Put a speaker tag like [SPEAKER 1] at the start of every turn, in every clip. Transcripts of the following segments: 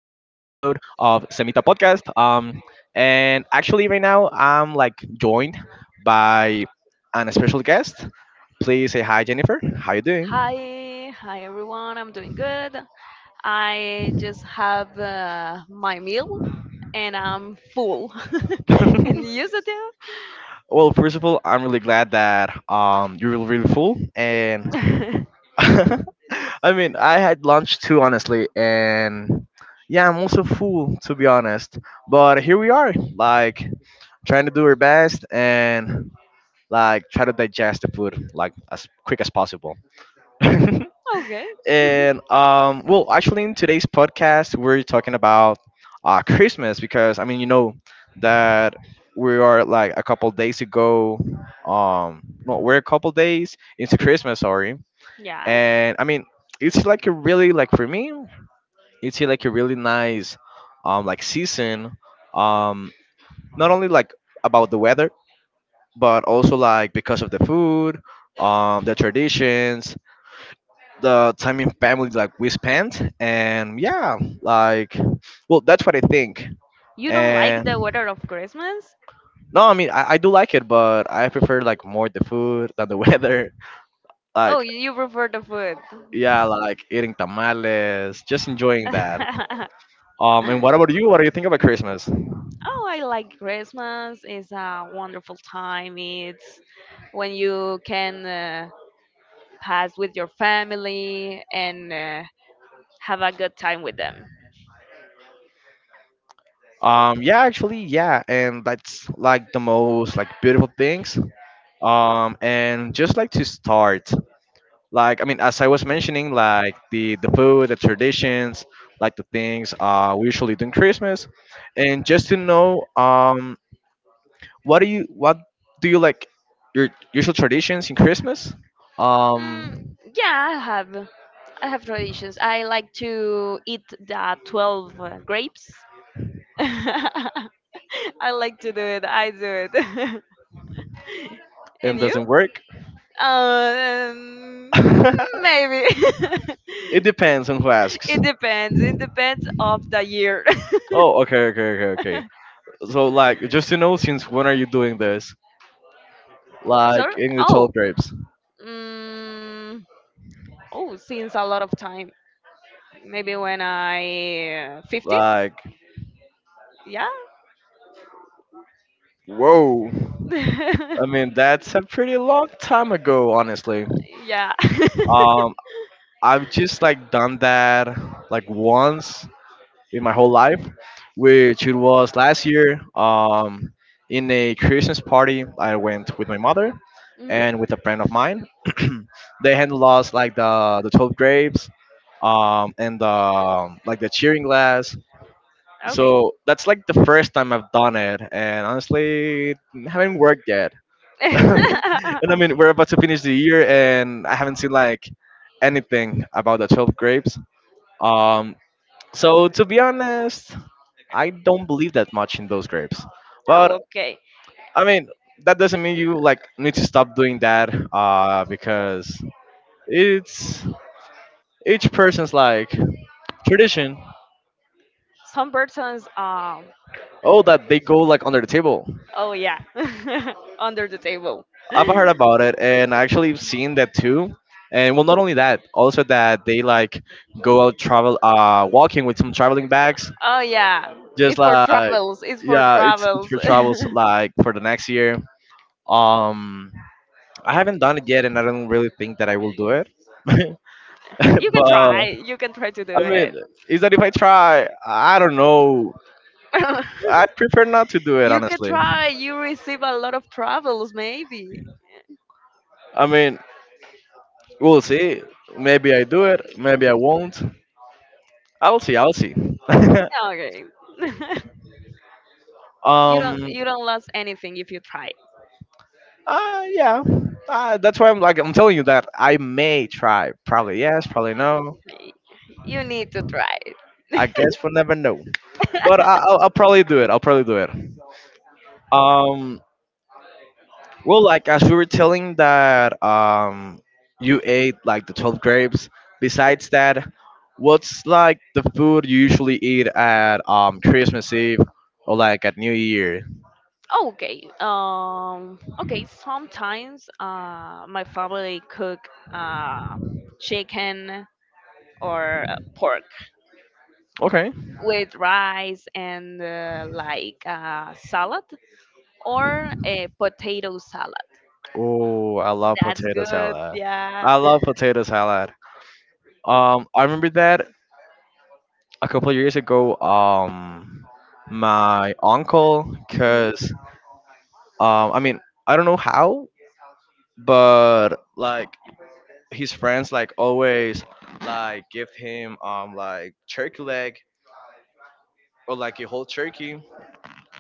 [SPEAKER 1] of Semita Podcast. And actually, right now, I'm like joined by an special guest. Please say hi, Jennifer. How you doing?
[SPEAKER 2] Hi, everyone. I'm doing good. I just have my meal and I'm full. And you, Satya?
[SPEAKER 1] Well, first of all, I'm really glad that you're really, really full. And I mean, I had lunch too, honestly. And yeah, I'm also full, to be honest. But here we are. Like, trying to do her best and like try to digest the food like as quick as possible. And
[SPEAKER 2] Okay,
[SPEAKER 1] well, actually, in today's podcast, we're talking about Christmas because I mean, you know that we are like a couple days ago. No, we're a couple days into Christmas, sorry.
[SPEAKER 2] yeah.
[SPEAKER 1] And I mean, it's like a really like for me, it's like a really nice like season. Um, Not only like about the weather, but also like because of the food, the traditions, the time in family like we spent, and yeah, like, well, that's what I think.
[SPEAKER 2] You don't like the
[SPEAKER 1] And
[SPEAKER 2] weather of Christmas?
[SPEAKER 1] no, I mean, I do like it, but I prefer like more the food than the weather.
[SPEAKER 2] Oh,
[SPEAKER 1] Like,
[SPEAKER 2] you prefer the food.
[SPEAKER 1] yeah, like eating tamales, just enjoying that. And what about you? What do you think about Christmas?
[SPEAKER 2] Oh, I like Christmas. It's a wonderful time. It's when you can pass with your family and have a good time with them.
[SPEAKER 1] Yeah, actually, yeah, and that's like the most like beautiful things. And just like to start. Like, I mean, as I was mentioning, like the food, the traditions, like the things we usually do in Christmas. And just to know, what do you like your usual traditions in Christmas,
[SPEAKER 2] Mm,
[SPEAKER 1] um
[SPEAKER 2] yeah, I have. I have traditions. I like to eat the 12 grapes. I like to do it. I do it.
[SPEAKER 1] and
[SPEAKER 2] And you?
[SPEAKER 1] doesn't work.
[SPEAKER 2] Um, maybe.
[SPEAKER 1] It depends on who asks.
[SPEAKER 2] It depends. It depends of the year.
[SPEAKER 1] Oh, okay, okay, okay, okay. So like, just to know, since when are you doing this, like
[SPEAKER 2] Sorry?
[SPEAKER 1] in the 12
[SPEAKER 2] Oh.
[SPEAKER 1] grapes?
[SPEAKER 2] Mm, oh, since a lot of time. Maybe when I 15?
[SPEAKER 1] Like,
[SPEAKER 2] Yeah.
[SPEAKER 1] whoa.
[SPEAKER 2] Yeah.
[SPEAKER 1] I mean, that's a pretty long time ago, honestly. Um, I've just like done that like once in my whole life, which it was last year. In a Christmas party, I went with my mother
[SPEAKER 2] hmm
[SPEAKER 1] and with a friend of mine. They had lost like the 12 grapes, and the like the cheering glass.
[SPEAKER 2] Okay.
[SPEAKER 1] So that's like the first time I've done it, and honestly, it haven't worked yet. And I
[SPEAKER 2] Oh,
[SPEAKER 1] mean, we're about to finish the year, and I haven't seen like anything about the 12 grapes. Um, so to be honest, I don't believe that much in those grapes. But
[SPEAKER 2] okay.
[SPEAKER 1] I mean, that doesn't mean you like need to stop doing that, because it's each person's like tradition.
[SPEAKER 2] Some persons,
[SPEAKER 1] Oh, that they go like under the table.
[SPEAKER 2] oh yeah, under the table.
[SPEAKER 1] I've heard about it, and I actually seen that too. And well, not only that, also that they like go out travel, walking with some traveling bags.
[SPEAKER 2] Oh yeah,
[SPEAKER 1] Just
[SPEAKER 2] it's for
[SPEAKER 1] like,
[SPEAKER 2] travels. It's for
[SPEAKER 1] yeah, it's
[SPEAKER 2] travels.
[SPEAKER 1] for travels like for the next year. Um, I haven't done it yet, and I don't really think that I will do it.
[SPEAKER 2] You can try.
[SPEAKER 1] But
[SPEAKER 2] You can try to do
[SPEAKER 1] I mean,
[SPEAKER 2] it.
[SPEAKER 1] is that if I try, I don't know. I prefer not to do it
[SPEAKER 2] You can
[SPEAKER 1] honestly.
[SPEAKER 2] try. You receive a lot of travels, maybe.
[SPEAKER 1] I mean, we'll see. Maybe I do it. Maybe I won't. I'll see. I'll see.
[SPEAKER 2] Yeah, okay. You don't.
[SPEAKER 1] um.
[SPEAKER 2] You don't lose anything if you try.
[SPEAKER 1] Yeah. That's why I'm like I'm telling you that I may try. Probably yes. Probably no.
[SPEAKER 2] You need to try.
[SPEAKER 1] I guess we'll never know. But I'll probably do it. I'll probably do it. Um, well, like as we were telling that, you ate like the 12 grapes. Besides that, what's like the food you usually eat at Christmas Eve or like at New Year?
[SPEAKER 2] Okay. Okay. Sometimes, my family cook chicken or pork
[SPEAKER 1] Okay.
[SPEAKER 2] with rice and salad or a potato salad.
[SPEAKER 1] Oh, I love
[SPEAKER 2] That's
[SPEAKER 1] potato
[SPEAKER 2] good.
[SPEAKER 1] salad.
[SPEAKER 2] Yeah.
[SPEAKER 1] I love potato salad. I remember that a couple of years ago. My uncle,
[SPEAKER 2] hmm
[SPEAKER 1] cause I mean, I don't know how, but like his friends like always like give him like turkey leg or like a whole turkey.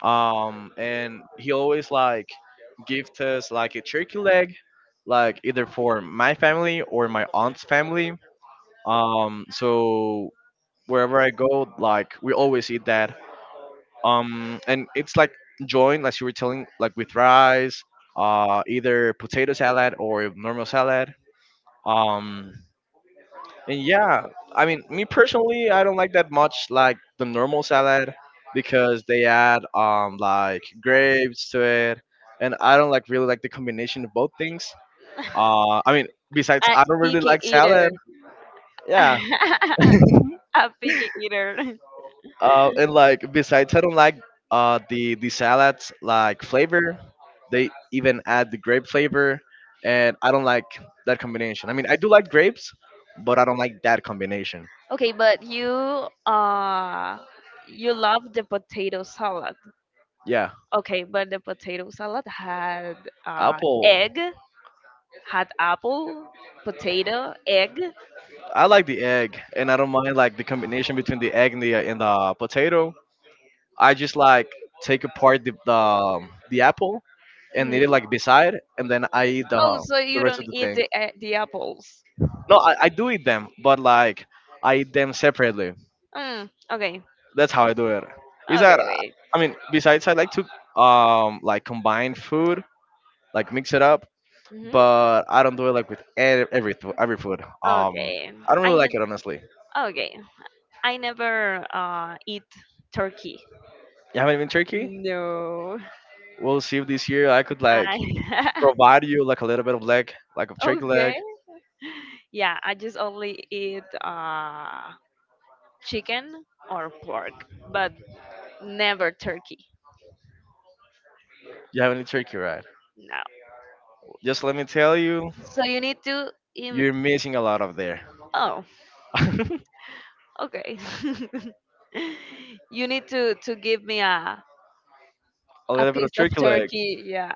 [SPEAKER 1] And he always like give us like a turkey leg like either for my family or my aunt's family. So wherever I go, like, we always eat that. And it's like joined like you were telling like with rice, either potato salad or normal salad. um And yeah, I mean, me personally, I don't like that much like the normal salad because they add like grapes to it, and I don't like really like the combination of both things. I mean, besides,
[SPEAKER 2] A
[SPEAKER 1] I don't really
[SPEAKER 2] picky
[SPEAKER 1] like
[SPEAKER 2] eater.
[SPEAKER 1] salad. Yeah,
[SPEAKER 2] A picky eater.
[SPEAKER 1] and like besides, I don't like the salads like flavor. They even add the grape flavor, and I don't like that combination. I mean, I do like grapes, but I don't like that combination.
[SPEAKER 2] Okay, but uh you love the potato salad.
[SPEAKER 1] Yeah,
[SPEAKER 2] Okay, but the potato salad had
[SPEAKER 1] apple.
[SPEAKER 2] egg, had apple, potato, egg.
[SPEAKER 1] I like the egg, and I don't mind like the combination between the egg and the potato. I just like take apart the apple and eat it
[SPEAKER 2] hmm
[SPEAKER 1] like beside, and then I eat
[SPEAKER 2] Oh, so
[SPEAKER 1] the
[SPEAKER 2] you
[SPEAKER 1] rest
[SPEAKER 2] don't
[SPEAKER 1] of the
[SPEAKER 2] eat the
[SPEAKER 1] thing.
[SPEAKER 2] the apples?
[SPEAKER 1] No, I do eat them, but like I eat them separately.
[SPEAKER 2] Okay,
[SPEAKER 1] That's how I do it. Is that
[SPEAKER 2] okay, wait.
[SPEAKER 1] I mean, besides I like to like combine food, like mix it up,
[SPEAKER 2] hmm
[SPEAKER 1] but I don't do it like with every food.
[SPEAKER 2] Okay,
[SPEAKER 1] I don't
[SPEAKER 2] I
[SPEAKER 1] really like
[SPEAKER 2] ne-
[SPEAKER 1] it honestly.
[SPEAKER 2] okay. I never eat turkey.
[SPEAKER 1] You haven't been Turkey?
[SPEAKER 2] No.
[SPEAKER 1] We'll see if this year I could like
[SPEAKER 2] I
[SPEAKER 1] provide you like a little bit of leg, like of turkey
[SPEAKER 2] okay.
[SPEAKER 1] leg.
[SPEAKER 2] Yeah, I just only eat chicken or pork, but never turkey.
[SPEAKER 1] You have any turkey, right?
[SPEAKER 2] No.
[SPEAKER 1] Just let me tell you,
[SPEAKER 2] So you need to im-
[SPEAKER 1] you're missing a lot of there.
[SPEAKER 2] Oh,
[SPEAKER 1] A
[SPEAKER 2] okay. You need to give me a
[SPEAKER 1] little bit of
[SPEAKER 2] piece of
[SPEAKER 1] turkey leg.
[SPEAKER 2] turkey. Yeah.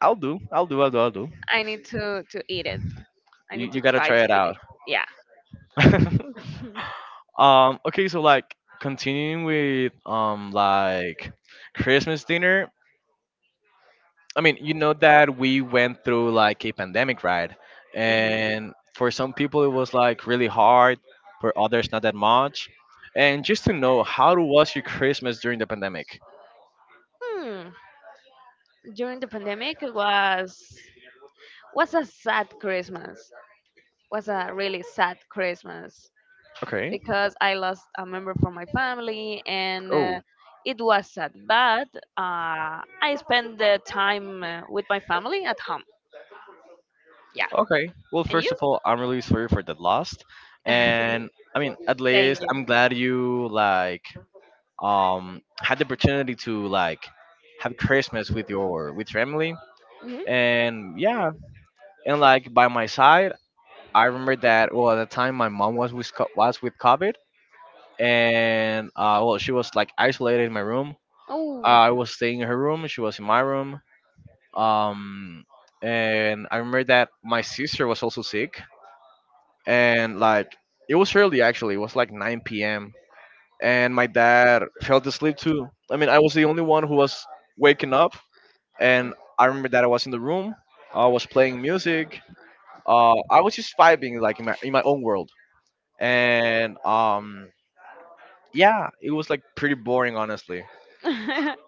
[SPEAKER 1] I'll do. I'll do. I'll do. I'll do.
[SPEAKER 2] I need to eat it. I
[SPEAKER 1] You,
[SPEAKER 2] need
[SPEAKER 1] you
[SPEAKER 2] to
[SPEAKER 1] gotta
[SPEAKER 2] try
[SPEAKER 1] try
[SPEAKER 2] to
[SPEAKER 1] it
[SPEAKER 2] eat it.
[SPEAKER 1] out.
[SPEAKER 2] Yeah.
[SPEAKER 1] Okay. So like continuing with like Christmas dinner. I mean, you know that we went through like a pandemic, right?
[SPEAKER 2] hmm
[SPEAKER 1] And for some people, it was like really hard. For others, not that much. And just to know, how was your Christmas during the pandemic?
[SPEAKER 2] Hmm. During the pandemic it was a sad Christmas. Was a really sad Christmas
[SPEAKER 1] Okay.
[SPEAKER 2] because I lost a member from my family and
[SPEAKER 1] Oh,
[SPEAKER 2] it was sad, but I spent the time with my family at home. Yeah.
[SPEAKER 1] okay. Well,
[SPEAKER 2] And
[SPEAKER 1] first
[SPEAKER 2] you?
[SPEAKER 1] of all, I'm really sorry for the loss, and I mean, at
[SPEAKER 2] Thank
[SPEAKER 1] least
[SPEAKER 2] you.
[SPEAKER 1] I'm glad you like had the opportunity to like have Christmas with your family.
[SPEAKER 2] hmm
[SPEAKER 1] And yeah, and like by my side, I remember that well at the time my mom was with covid, and well she was like isolated in my room.
[SPEAKER 2] Oh.
[SPEAKER 1] I was staying in her room, she was in my room. um and I remember that my sister was also sick, and like it was early, actually it was like 9 p.m. and my dad fell asleep too. I mean, I was the only one who was waking up, and I remember that I was in the room, I was playing music. I was just vibing like in my own world, and yeah, it was like pretty boring, honestly.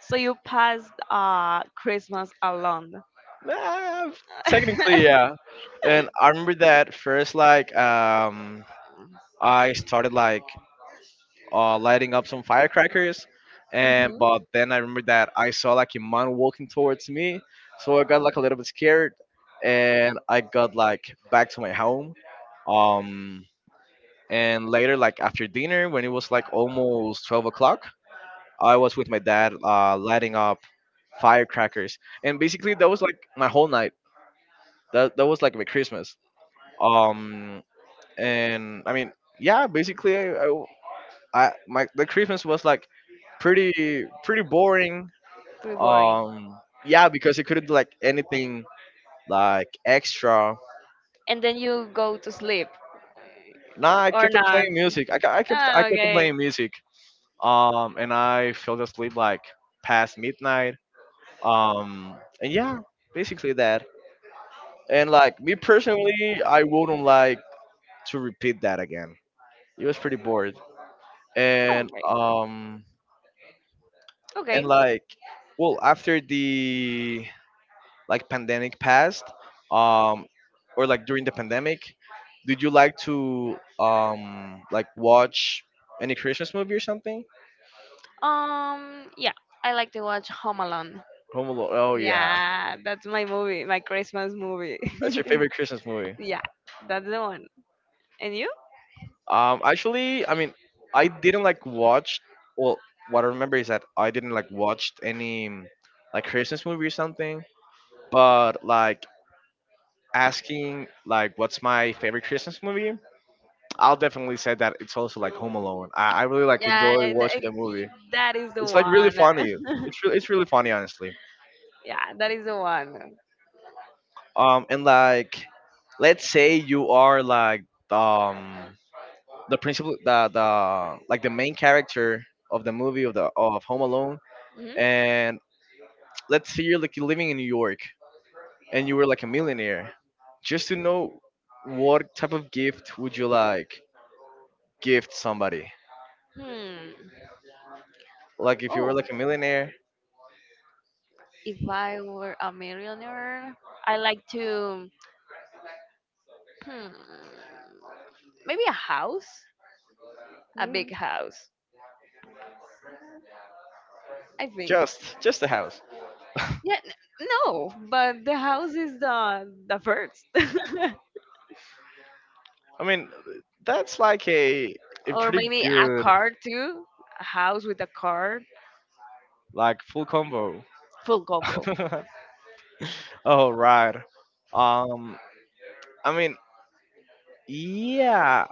[SPEAKER 2] So you passed Christmas alone.
[SPEAKER 1] Ah, technically, yeah. And I remember that first, like, I started like lighting up some firecrackers, and
[SPEAKER 2] hmm
[SPEAKER 1] but then I remember that I saw like a man walking towards me, so I got like a little bit scared, and I got like back to my home. Um, and later, like after dinner, when it was like almost 12 o'clock, I was with my dad, lighting up firecrackers, and basically that was like my whole night. That was like my Christmas. Um, and I mean, yeah, basically, I my the Christmas was like pretty boring.
[SPEAKER 2] Pretty boring.
[SPEAKER 1] Yeah, because it couldn't do, like anything like extra.
[SPEAKER 2] And then you go to sleep
[SPEAKER 1] Nah, I
[SPEAKER 2] or
[SPEAKER 1] kept on
[SPEAKER 2] not?
[SPEAKER 1] playing music. I
[SPEAKER 2] Ah,
[SPEAKER 1] kept on
[SPEAKER 2] okay.
[SPEAKER 1] playing music. And I fell asleep like past midnight. And yeah, basically that. And like me personally, I wouldn't like to repeat that again. It was pretty bored.
[SPEAKER 2] All
[SPEAKER 1] And
[SPEAKER 2] right.
[SPEAKER 1] um and
[SPEAKER 2] Okay.
[SPEAKER 1] like well after the like pandemic passed, um or like during the pandemic, did you like to like watch any Christmas movie or something?
[SPEAKER 2] Yeah, I like to watch Home Alone.
[SPEAKER 1] Home Alone. Oh yeah.
[SPEAKER 2] Yeah, that's my movie, my Christmas movie.
[SPEAKER 1] That's your favorite Christmas movie.
[SPEAKER 2] Yeah, that's the one. And you?
[SPEAKER 1] Actually, I mean, I didn't like watch. Well, what I remember is that I didn't like watched any like Christmas movie or something. But like asking like what's my favorite Christmas movie, I'll definitely say that it's also like Home Alone. I really like
[SPEAKER 2] Yeah,
[SPEAKER 1] enjoy watching the movie.
[SPEAKER 2] that is the
[SPEAKER 1] It's like really
[SPEAKER 2] one.
[SPEAKER 1] funny. It's really funny, honestly.
[SPEAKER 2] Yeah, that is the one.
[SPEAKER 1] And like, let's say you are like um the principal the like the main character of the movie of Home Alone,
[SPEAKER 2] Mhm.
[SPEAKER 1] and let's say you're like living in New York, and you were like a millionaire. Just to know, what type of gift would you like gift somebody?
[SPEAKER 2] Hmm.
[SPEAKER 1] Like if you were
[SPEAKER 2] Oh,
[SPEAKER 1] like a millionaire,
[SPEAKER 2] if I were a millionaire, I like to hmm, maybe a house, a big house. I think.
[SPEAKER 1] just a house.
[SPEAKER 2] Yeah, n- no, but the house is the first,
[SPEAKER 1] I mean, that's like a a
[SPEAKER 2] or
[SPEAKER 1] pretty
[SPEAKER 2] maybe a
[SPEAKER 1] good
[SPEAKER 2] car too, a house with a car,
[SPEAKER 1] like full combo.
[SPEAKER 2] full combo.
[SPEAKER 1] Oh right. Um, I mean, yeah.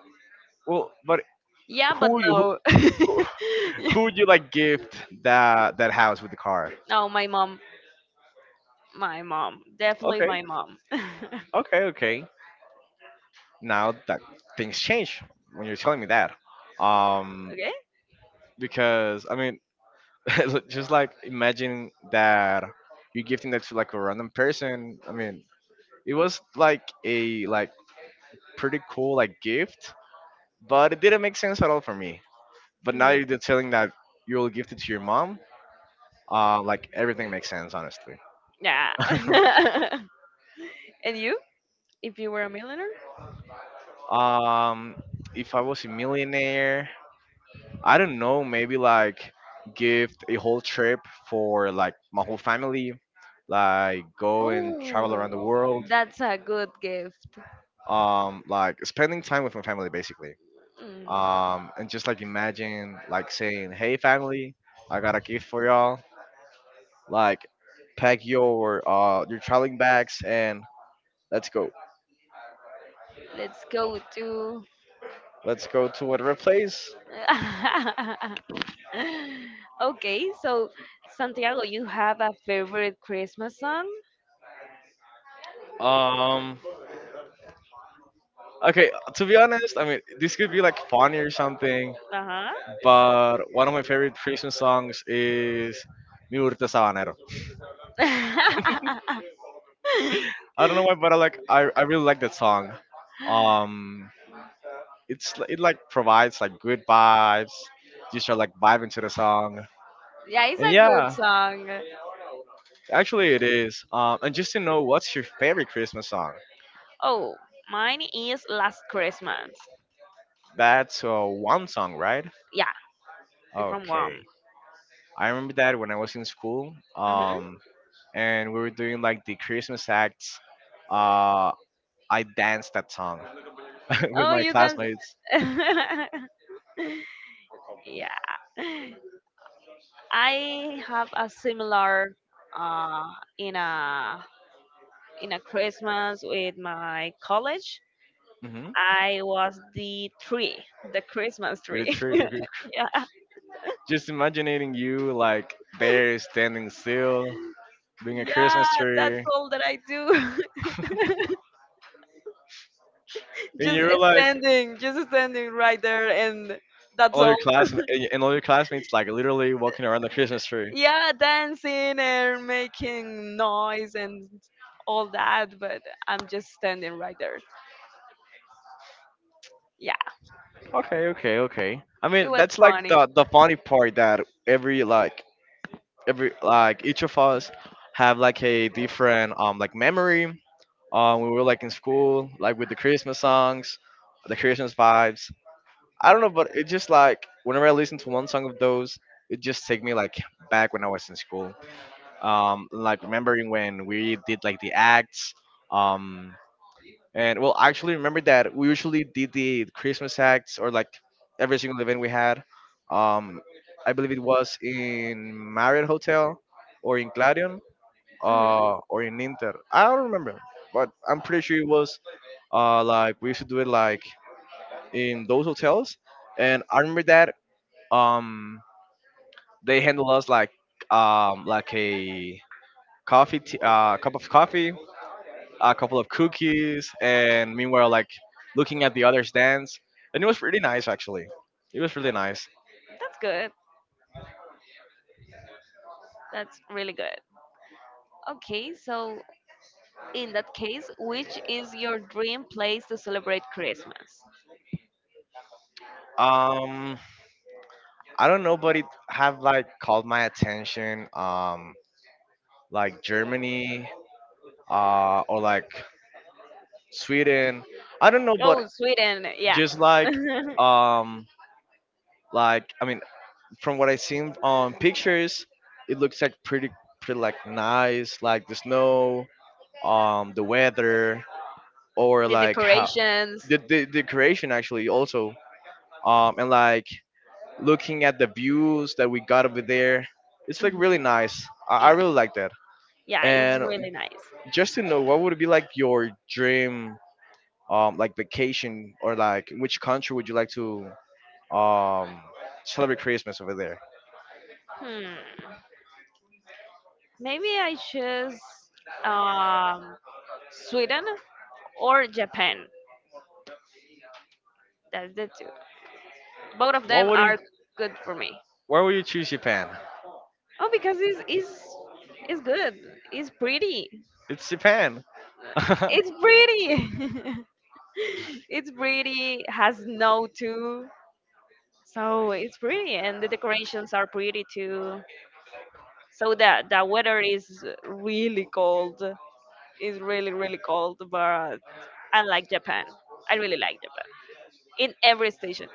[SPEAKER 1] Well, but
[SPEAKER 2] Yeah, but
[SPEAKER 1] who would you who,
[SPEAKER 2] no.
[SPEAKER 1] who who would you like gift that house with the car?
[SPEAKER 2] No, my mom My mom, definitely
[SPEAKER 1] Okay,
[SPEAKER 2] my mom. Okay.
[SPEAKER 1] okay, okay. Now that things change when you're telling me that. Um, because I mean, just like imagine that you're gifting that to like a random person. I mean, it was like a pretty cool like gift, but it didn't make sense at all for me. But now
[SPEAKER 2] Mhm.
[SPEAKER 1] you're telling that you'll gift it to your mom. Like everything makes sense honestly.
[SPEAKER 2] Yeah. And you, if you were a millionaire?
[SPEAKER 1] Um, if I was a millionaire, I don't know, maybe like give a whole trip for like my whole family, like go and travel
[SPEAKER 2] Oh,
[SPEAKER 1] around the world,
[SPEAKER 2] that's a good gift.
[SPEAKER 1] like spending time with my family basically,
[SPEAKER 2] Mm.
[SPEAKER 1] and just like imagine like saying, "Hey family, I got a gift for y'all. Like, pack your traveling bags and let's go.
[SPEAKER 2] Let's go to.
[SPEAKER 1] Let's go to whatever place."
[SPEAKER 2] Okay, so Santiago, you have a favorite Christmas song?
[SPEAKER 1] Um. Okay. To be honest, I mean, this could be like funny or something,
[SPEAKER 2] Uh huh.
[SPEAKER 1] but one of my favorite prison songs is Mi Burrito Sabanero. I don't know why, but I really like that song. Um, it like provides like good vibes. You start like vibing to the song,
[SPEAKER 2] Yeah, it's
[SPEAKER 1] and
[SPEAKER 2] a good
[SPEAKER 1] yeah,
[SPEAKER 2] song.
[SPEAKER 1] actually it is. And just to know, what's your favorite Christmas song?
[SPEAKER 2] Oh, mine is Last Christmas.
[SPEAKER 1] That's one song, right?
[SPEAKER 2] Yeah, it's from Rome.
[SPEAKER 1] Okay, I remember that when I was in school.
[SPEAKER 2] hmm
[SPEAKER 1] And we were doing like the Christmas acts. Uh, I danced that song. with
[SPEAKER 2] Oh,
[SPEAKER 1] my
[SPEAKER 2] you done
[SPEAKER 1] classmates.
[SPEAKER 2] that. Yeah. I have a similar uh in a in a Christmas with my college.
[SPEAKER 1] Hmm
[SPEAKER 2] I was the tree, the Christmas
[SPEAKER 1] With a
[SPEAKER 2] tree.
[SPEAKER 1] tree, because-
[SPEAKER 2] Yeah.
[SPEAKER 1] just imagining you like there standing still, being a
[SPEAKER 2] Yeah,
[SPEAKER 1] Christmas
[SPEAKER 2] that's
[SPEAKER 1] tree,
[SPEAKER 2] all that I do.
[SPEAKER 1] and
[SPEAKER 2] Just
[SPEAKER 1] you're like
[SPEAKER 2] just standing right there and that's all.
[SPEAKER 1] all your classmates like literally walking around the Christmas tree.
[SPEAKER 2] Yeah, dancing and making noise and all that, but I'm just standing right there. Yeah,
[SPEAKER 1] Okay, okay, okay. I
[SPEAKER 2] it
[SPEAKER 1] mean,
[SPEAKER 2] was
[SPEAKER 1] that's like
[SPEAKER 2] funny.
[SPEAKER 1] the funny part that every like every like each of us have like a different like memory, we were like in school, like with the Christmas songs, the Christmas vibes. I don't know, but it just like whenever I listen to one song of those, it just take me like back when I was in school. Like remembering when we did like the acts. Um, and well, actually remember that we usually did the Christmas acts or like every single event we had. Um, I believe it was in Marriott Hotel or in Clarion,
[SPEAKER 2] hmm
[SPEAKER 1] or in Inter. I don't remember, but I'm pretty sure it was like we used to do it like in those hotels. And I remember that um, they handled us like a cup of coffee, a couple of cookies, and meanwhile like looking at the other stands. And it was really nice actually. It was really nice.
[SPEAKER 2] That's good. That's really good. Okay, so in that case, which is your dream place to celebrate Christmas?
[SPEAKER 1] Um, I don't know, but it have like called my attention. Like Germany, or like Sweden. I don't know, but
[SPEAKER 2] Oh, Sweden, yeah.
[SPEAKER 1] just um like I mean from what I seen on pictures, it looks like pretty like nice, like the snow, the weather or
[SPEAKER 2] The
[SPEAKER 1] like how
[SPEAKER 2] decorations.
[SPEAKER 1] the decoration actually also and like looking at the views that we got over there, it's like
[SPEAKER 2] hmm
[SPEAKER 1] really nice. I
[SPEAKER 2] Yeah,
[SPEAKER 1] really like that.
[SPEAKER 2] yeah, it's
[SPEAKER 1] And
[SPEAKER 2] really nice.
[SPEAKER 1] just to know what would be like your dream like vacation or like which country would you like to um, celebrate Christmas over there.
[SPEAKER 2] Hmm. Maybe I choose um, Sweden or Japan. That's the two. Both of
[SPEAKER 1] Why
[SPEAKER 2] them
[SPEAKER 1] would you?
[SPEAKER 2] are good for me.
[SPEAKER 1] Why would you choose Japan?
[SPEAKER 2] Oh, because it's good. It's pretty.
[SPEAKER 1] It's Japan.
[SPEAKER 2] Uh, It's pretty. It's pretty. Has snow too. So it's pretty, and the decorations are pretty too. So that the weather is really cold. It's really, really cold, but I like Japan. I really like Japan in every station,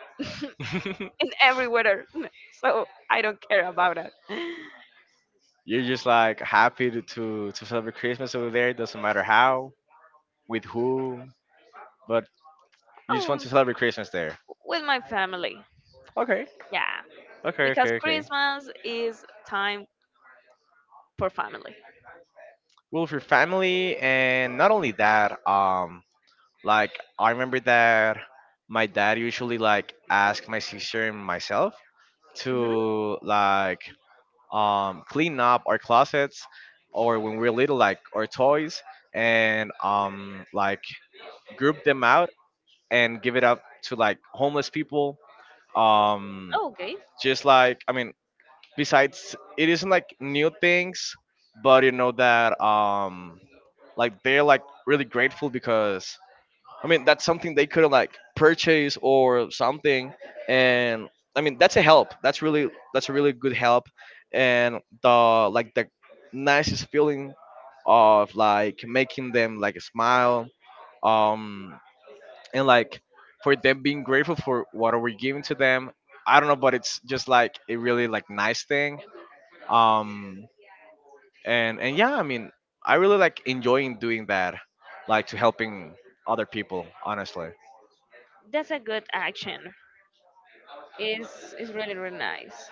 [SPEAKER 2] in every weather. So I don't care about it.
[SPEAKER 1] You're just like happy to, to celebrate Christmas over there. It doesn't matter how, with who, but you just want
[SPEAKER 2] Um,
[SPEAKER 1] to celebrate Christmas there.
[SPEAKER 2] with my family,
[SPEAKER 1] Okay,
[SPEAKER 2] yeah,
[SPEAKER 1] okay,
[SPEAKER 2] because
[SPEAKER 1] okay, okay.
[SPEAKER 2] Christmas is time for family.
[SPEAKER 1] Well, with your family, and not only that, like I remember that my dad usually like asked my sister and myself
[SPEAKER 2] hmm
[SPEAKER 1] to like clean up our closets or when we're little like our toys and like group them out and give it up to like homeless people, um,
[SPEAKER 2] Okay,
[SPEAKER 1] just like I mean, besides it isn't like new things, but you know that like they're like really grateful because I mean, that's something they could like purchase or something. And I mean, that's a help. That's really that's a really good help. And the nicest feeling of like making them like smile. Um, and like for them being grateful for what are we giving to them. I don't know, but it's just like a really like nice thing. Um, and yeah, I mean, I really like enjoying doing that, like to helping other people, honestly.
[SPEAKER 2] that's a good action. It's really really nice.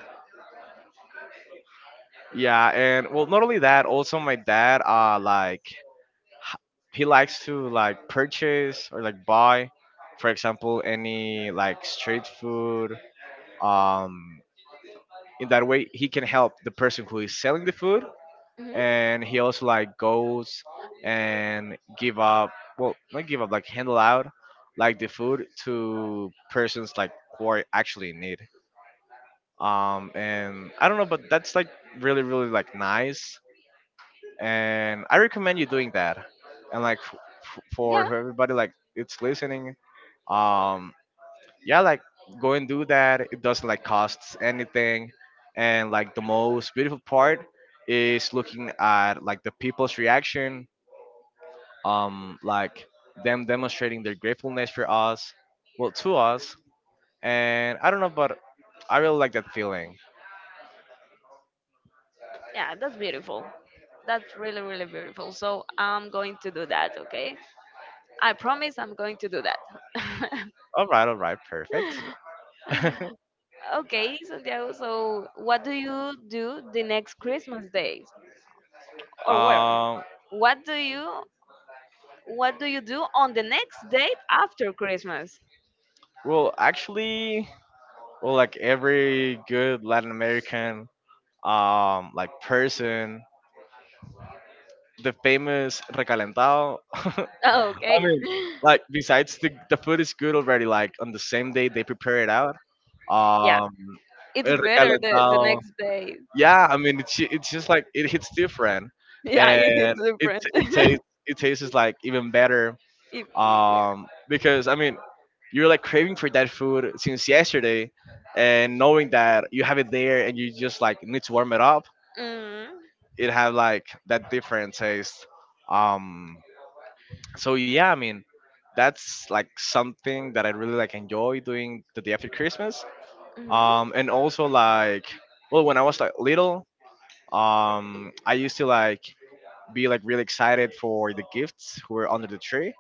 [SPEAKER 1] Yeah, and well, not only that, also my dad, like h- he likes to like purchase or like buy, for example, any like street food. Um, in that way, he can help the person who is selling the food,
[SPEAKER 2] hmm
[SPEAKER 1] and he also like goes and give up, well, not give up, like handle out like the food to persons like who are actually in need. And I don't know, but that's like really, really like nice and I recommend you doing that. And like for
[SPEAKER 2] Yeah,
[SPEAKER 1] everybody like it's listening, um, yeah, like go and do that. It doesn't like costs anything, and like the most beautiful part is looking at like the people's reaction, like them demonstrating their gratefulness for us, well to us. And I don't know, but I really like that feeling.
[SPEAKER 2] yeah, that's beautiful. That's really, really beautiful. So I'm going to do that, okay? I promise I'm going to do that.
[SPEAKER 1] All right, perfect.
[SPEAKER 2] Okay, Santiago, so what do you do the next Christmas days? Or where?
[SPEAKER 1] um,
[SPEAKER 2] What do you what do you do on the next date after Christmas?
[SPEAKER 1] well, actually, well, like every good Latin American like person, the famous recalentado. I
[SPEAKER 2] Okay.
[SPEAKER 1] mean, like besides the food is good already. Like on the same day they prepare it out.
[SPEAKER 2] Yeah.
[SPEAKER 1] Um,
[SPEAKER 2] It's
[SPEAKER 1] el
[SPEAKER 2] better the
[SPEAKER 1] recalentado.
[SPEAKER 2] next day.
[SPEAKER 1] Yeah, I mean it's just like it hits different,
[SPEAKER 2] Yeah, it is
[SPEAKER 1] and it
[SPEAKER 2] different.
[SPEAKER 1] it tastes it tastes like even better
[SPEAKER 2] If, yeah.
[SPEAKER 1] because I mean, you're like craving for that food since yesterday, and knowing that you have it there and you just like need to warm it up,
[SPEAKER 2] Mm,
[SPEAKER 1] it have like that different taste. Um, so yeah, I mean, that's like something that I really like enjoy doing the day after Christmas.
[SPEAKER 2] mhm,
[SPEAKER 1] And also like, well, when I was like little, I used to like be like really excited for the gifts who were under the tree.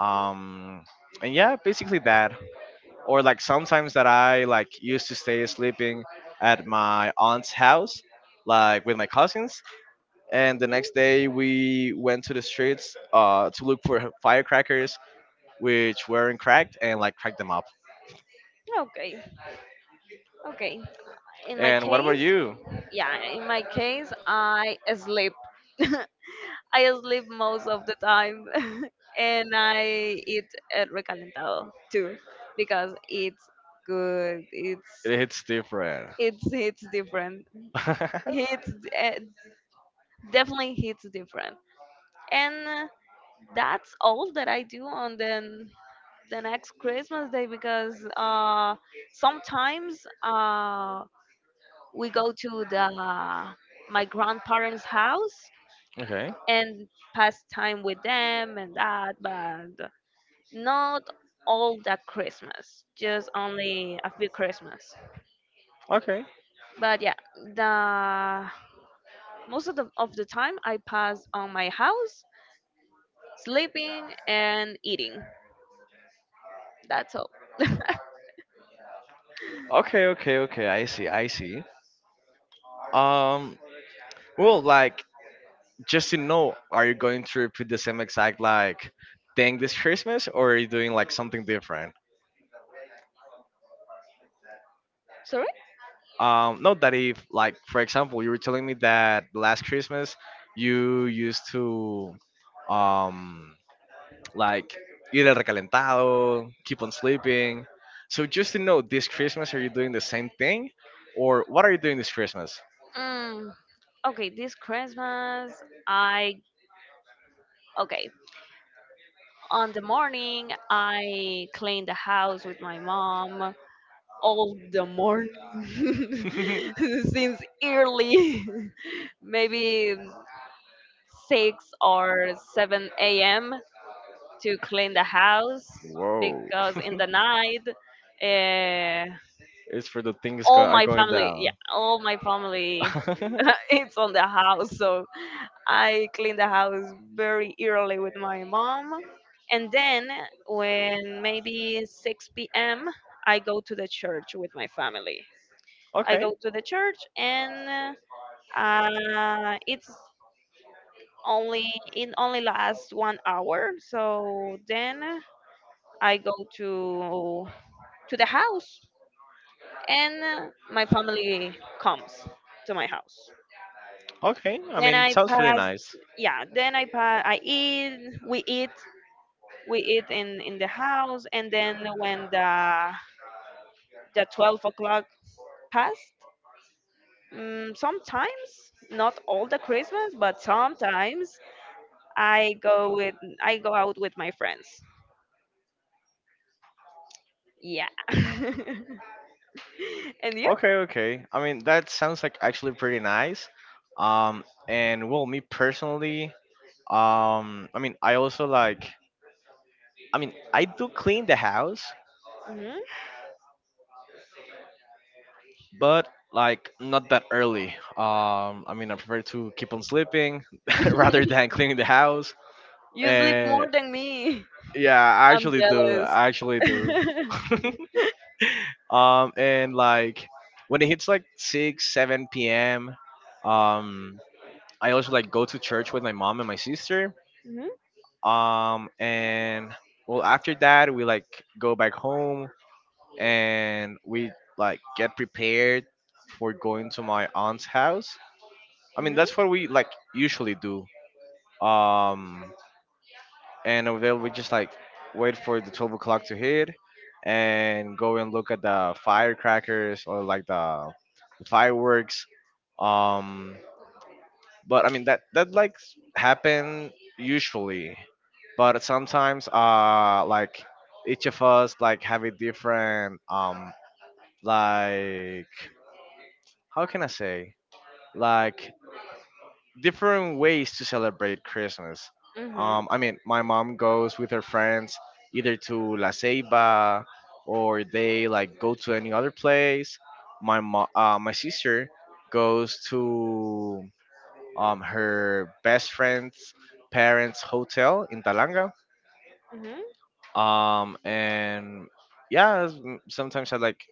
[SPEAKER 1] Um, and yeah, basically that, or like sometimes that I like used to stay sleeping at my aunt's house, like with my cousins, and the next day
[SPEAKER 2] mhm.
[SPEAKER 1] we went to the streets, to look for firecrackers which weren't cracked and like cracked them up.
[SPEAKER 2] Okay. Okay. In my
[SPEAKER 1] And what about
[SPEAKER 2] case,
[SPEAKER 1] you?
[SPEAKER 2] yeah, in my case, I sleep. I sleep most of the time, and I eat el recalentado too because it's good. It's
[SPEAKER 1] It hits different.
[SPEAKER 2] it's it's different. It's uh, definitely hits different. And that's all that I do on the next Christmas day because sometimes we go to the my grandparents' house
[SPEAKER 1] Okay.
[SPEAKER 2] and pass time with them and that, but not all that Christmas, just only a few Christmas.
[SPEAKER 1] Okay.
[SPEAKER 2] But yeah, the most of the time I pass on my house sleeping and eating. That's all.
[SPEAKER 1] Okay, okay, okay. I see. I see. Um, well, like just to know, are you going to repeat the same exact like thing this Christmas, or are you doing like something different?
[SPEAKER 2] Sorry?
[SPEAKER 1] Um, not that if like for example you were telling me that last Christmas you used to um like ir al recalentado keep on sleeping, so just to know this Christmas are you doing the same thing or what are you doing this Christmas?
[SPEAKER 2] Mm, okay, this Christmas, I. Okay, on the morning, I cleaned the house with my mom all the morning since early. Maybe 6 or 7 a.m. to clean the house
[SPEAKER 1] Whoa.
[SPEAKER 2] because in the night, uh,
[SPEAKER 1] It's for are going
[SPEAKER 2] yeah,
[SPEAKER 1] down.
[SPEAKER 2] all my family it's on the house. So I clean the house very early with my mom. And then when maybe 6 p.m., I go to the church with my family. I
[SPEAKER 1] Okay,
[SPEAKER 2] go to the church and uh, it's only it only lasts 1 hour, so then I go to the house and my family comes to my house
[SPEAKER 1] okay. I
[SPEAKER 2] then
[SPEAKER 1] mean, it
[SPEAKER 2] I
[SPEAKER 1] sounds really
[SPEAKER 2] pass
[SPEAKER 1] nice.
[SPEAKER 2] yeah, then I pass, I eat we eat we eat in the house, and then when the 12 o'clock passed, mm, sometimes not all the Christmas, but sometimes i go with I go out with my friends. Yeah. And you?
[SPEAKER 1] Okay, okay. I mean, that sounds like actually pretty nice. And well, me personally, I mean, I also like, I mean, I do clean the house,
[SPEAKER 2] hmm
[SPEAKER 1] but like not that early. I mean, I prefer to keep on sleeping rather than cleaning the house.
[SPEAKER 2] You sleep more
[SPEAKER 1] Uh,
[SPEAKER 2] than me.
[SPEAKER 1] yeah, I
[SPEAKER 2] I'm
[SPEAKER 1] actually do.
[SPEAKER 2] jealous.
[SPEAKER 1] I actually do.
[SPEAKER 2] hmm
[SPEAKER 1] And like when it hits like 6 7 p.m, um, I also like go to church with my mom and my sister, um, and well after that we like go back home and we like get prepared for going to my aunt's house. I mean
[SPEAKER 2] hmm
[SPEAKER 1] that's what we like usually do, um, and over there we just like wait for the 12 o'clock to hit and go and look at the firecrackers or like the fireworks. Um, but I mean that like happen usually, but sometimes like each of us like have a different like, how can I say, like different ways to celebrate Christmas.
[SPEAKER 2] hmm
[SPEAKER 1] I mean, my mom goes with her friends either to La Ceiba or they like go to any other place. My sister goes to her best friend's parents' hotel in Talanga,
[SPEAKER 2] hmm
[SPEAKER 1] and yeah sometimes I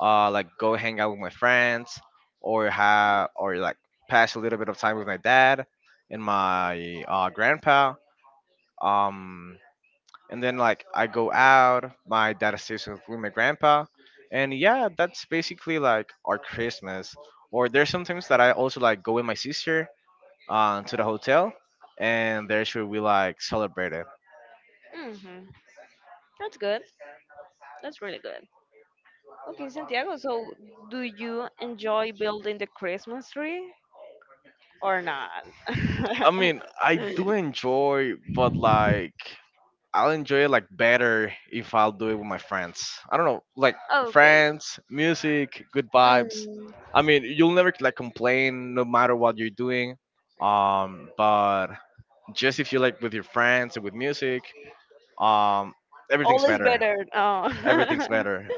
[SPEAKER 1] like go hang out with my friends or have or like pass a little bit of time with my dad and my grandpa, um, and then like I go out, my dad stays with my grandpa, and yeah that's basically like our Christmas, or there's sometimes that I also like go with my sister, to the hotel and there should we like celebrate it.
[SPEAKER 2] hmm That's good. That's really good. Okay, Santiago, so do you enjoy building the Christmas tree or not?
[SPEAKER 1] I mean, I do enjoy, but like I'll enjoy it like better if I'll do it with my friends. I don't know, like
[SPEAKER 2] Okay,
[SPEAKER 1] friends, music, good vibes.
[SPEAKER 2] Mm.
[SPEAKER 1] I mean, you'll never like complain no matter what you're doing. But just if you like with your friends and with music, um, everything's
[SPEAKER 2] All is
[SPEAKER 1] better.
[SPEAKER 2] better.
[SPEAKER 1] Everything's
[SPEAKER 2] Oh.
[SPEAKER 1] better.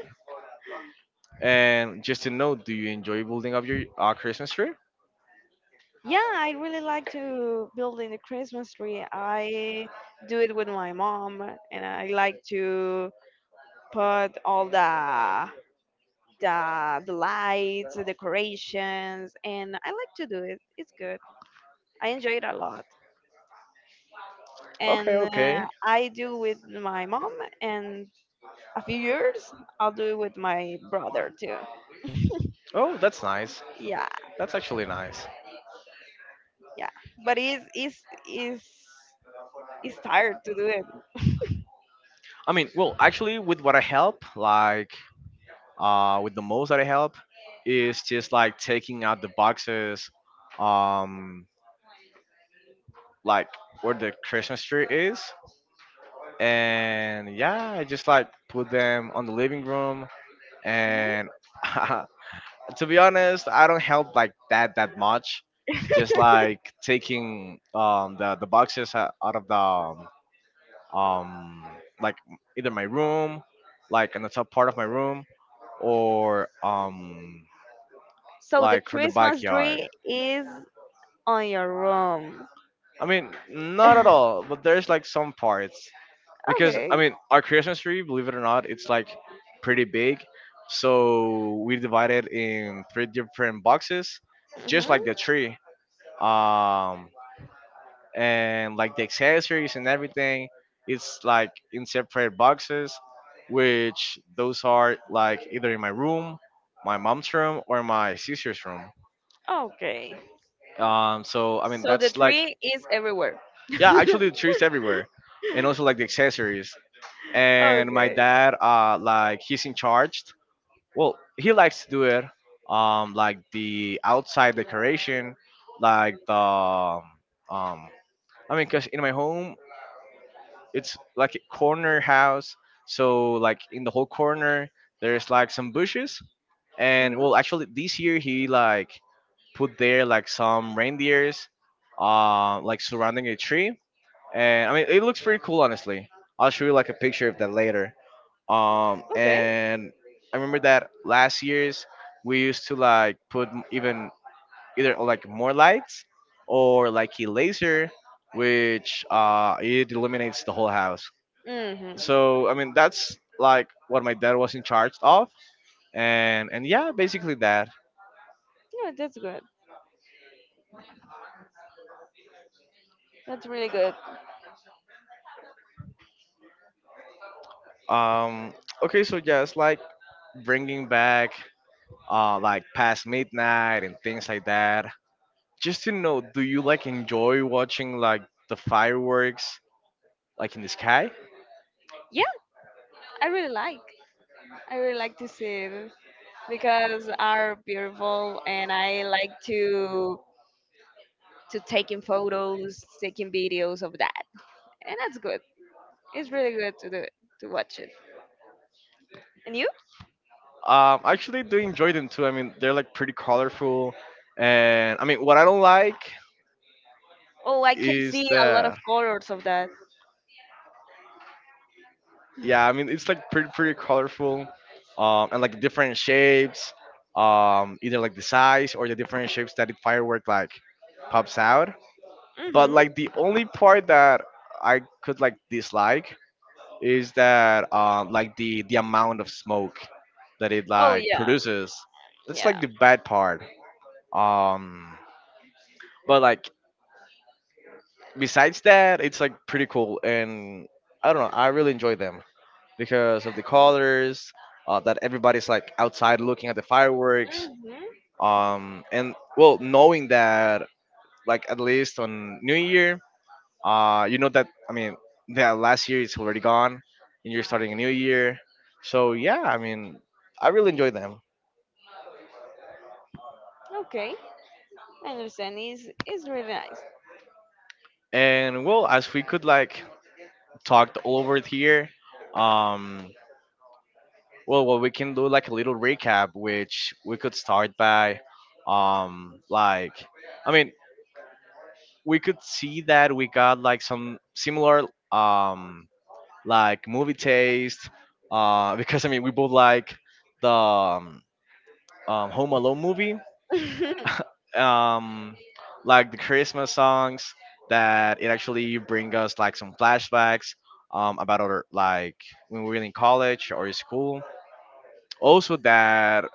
[SPEAKER 1] And just to know, do you enjoy building up your Christmas tree?
[SPEAKER 2] Yeah, I really like to build in the Christmas tree. I do it with my mom, and I like to put all the lights, the decorations, and I like to do it. It's good. I enjoy it a lot.
[SPEAKER 1] Okay,
[SPEAKER 2] And
[SPEAKER 1] okay.
[SPEAKER 2] I do with my mom, and a few years I'll do it with my brother too.
[SPEAKER 1] Oh, that's nice.
[SPEAKER 2] Yeah,
[SPEAKER 1] That's actually nice.
[SPEAKER 2] yeah. But it's tired to do it.
[SPEAKER 1] I mean, well, actually, with what I help, like with the most that I help, is just like taking out the boxes, um, like where the Christmas tree is, and yeah, I just like put them on the living room.
[SPEAKER 2] Mhm.
[SPEAKER 1] And to be honest, I don't help like that much. Just like taking the boxes out of the um, like either my room, like in the top part of my room, or
[SPEAKER 2] So the
[SPEAKER 1] like from the
[SPEAKER 2] Christmas
[SPEAKER 1] backyard.
[SPEAKER 2] tree is on your room.
[SPEAKER 1] I mean, not at all, but there's like some parts because
[SPEAKER 2] Okay.
[SPEAKER 1] I mean, our Christmas tree, believe it or not, it's like pretty big. So we divide it in three different boxes, just like the
[SPEAKER 2] hmm
[SPEAKER 1] tree. Um and like the accessories and everything, it's like in separate boxes, which those are like either in my room, my mom's room or my sister's room.
[SPEAKER 2] Okay.
[SPEAKER 1] So I mean
[SPEAKER 2] So the
[SPEAKER 1] that's like
[SPEAKER 2] tree is everywhere.
[SPEAKER 1] yeah, actually the trees everywhere, and also like the accessories. And my
[SPEAKER 2] Okay.
[SPEAKER 1] dad, like he's in charge. Well, he likes to do it. Like the outside decoration, like the um, I mean, cause in my home it's like a corner house, so like in the whole corner there's like some bushes, and well,
[SPEAKER 2] hmm
[SPEAKER 1] actually this year he like put there like some reindeers, like surrounding a tree and I mean it looks pretty cool honestly. I'll show you like a picture of that later.
[SPEAKER 2] Okay.
[SPEAKER 1] And I remember that last year's we used to like put even either like more lights or like a laser, which it illuminates the whole house.
[SPEAKER 2] hmm
[SPEAKER 1] So I mean that's like what my dad was in charge of, and yeah, basically that.
[SPEAKER 2] Yeah, that's good. That's really good.
[SPEAKER 1] Um, okay, so just like bringing back like past midnight and things like that. Just to know, do you like enjoy watching like the fireworks like in the sky?
[SPEAKER 2] Yeah, I really like. I really like to see it because are beautiful and I like to taking photos, taking videos of that. And that's good. It's really good to do it, to watch it. And you?
[SPEAKER 1] I actually do enjoy them too. I mean, they're like pretty colorful, and I mean, what I don't like
[SPEAKER 2] Oh, I can
[SPEAKER 1] is
[SPEAKER 2] see a lot
[SPEAKER 1] the
[SPEAKER 2] of colors of that.
[SPEAKER 1] yeah, I mean, it's like pretty colorful, and like different shapes, either like the size or the different shapes that it firework like pops out. But like
[SPEAKER 2] Mhm.
[SPEAKER 1] the only part that I could like dislike is that like the amount of smoke that it
[SPEAKER 2] Oh
[SPEAKER 1] like
[SPEAKER 2] yeah.
[SPEAKER 1] produces. That's
[SPEAKER 2] Yeah.
[SPEAKER 1] like the bad part. Um, but like besides that, it's like pretty cool, and I don't know. I really enjoy them because of the colors. That everybody's like outside looking at the fireworks.
[SPEAKER 2] hmm
[SPEAKER 1] And well, knowing that like at least on New Year, you know that I mean that last year it's already gone, and you're starting a new year. So yeah, I mean I really enjoy them.
[SPEAKER 2] Okay, I understand. It's really nice.
[SPEAKER 1] And well, as we could like talk all over it here, um, well, what we can do like a little recap, which we could start by, like, I mean, we could see that we got like some similar, um, like movie taste, because I mean we both like the Home Alone movie, um, like the Christmas songs that it actually bring us like some flashbacks about other like when we were in college or in school. Also, that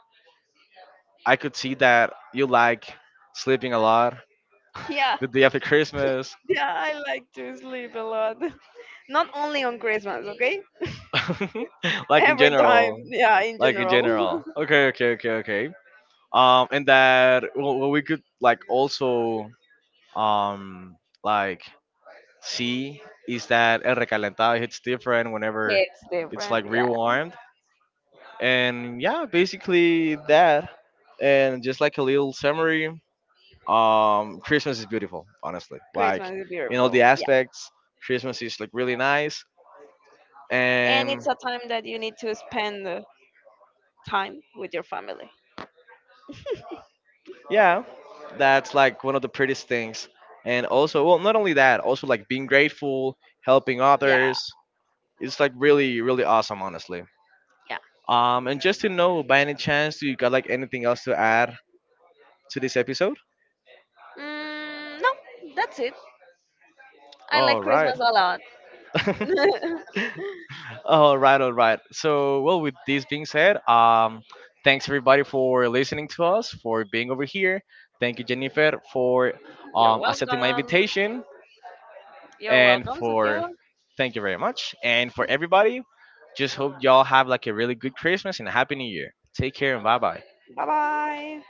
[SPEAKER 1] I could see that you like sleeping a lot
[SPEAKER 2] Yeah,
[SPEAKER 1] the day after Christmas,
[SPEAKER 2] yeah, I like to sleep a lot. Not only on Christmas, okay?
[SPEAKER 1] like in
[SPEAKER 2] Every time,
[SPEAKER 1] general,
[SPEAKER 2] yeah, in
[SPEAKER 1] like in
[SPEAKER 2] general.
[SPEAKER 1] general. Okay, okay, okay, okay. And that well, well, we could like also um like see is that El Recalentado hits different whenever
[SPEAKER 2] It's
[SPEAKER 1] it's
[SPEAKER 2] different,
[SPEAKER 1] like
[SPEAKER 2] yeah.
[SPEAKER 1] rewarmed. And yeah, basically that. And just like a little summary, Christmas is beautiful, honestly. Like
[SPEAKER 2] Christmas is
[SPEAKER 1] in all the
[SPEAKER 2] beautiful, yeah.
[SPEAKER 1] aspects, Christmas is like really nice.
[SPEAKER 2] And
[SPEAKER 1] And
[SPEAKER 2] it's a time that you need to spend time with your family.
[SPEAKER 1] yeah, that's like one of the prettiest things. And also, well, not only that, also like being grateful, helping
[SPEAKER 2] Yeah,
[SPEAKER 1] others. It's like really, really awesome, honestly.
[SPEAKER 2] yeah.
[SPEAKER 1] And just to know, by any chance, do you got like anything else to add to this episode?
[SPEAKER 2] Mm, no, that's it. I
[SPEAKER 1] All
[SPEAKER 2] like
[SPEAKER 1] right.
[SPEAKER 2] Christmas a lot.
[SPEAKER 1] All right, all right. So, well, with this being said, thanks everybody for listening to us, for being over here. Thank you, Jennifer, for
[SPEAKER 2] You're
[SPEAKER 1] accepting my
[SPEAKER 2] welcome.
[SPEAKER 1] invitation,
[SPEAKER 2] You're
[SPEAKER 1] and
[SPEAKER 2] welcome,
[SPEAKER 1] for
[SPEAKER 2] Santiago.
[SPEAKER 1] thank you very much. And for everybody, just hope y'all have like a really good Christmas and a happy New Year. Take care and bye bye.
[SPEAKER 2] Bye bye.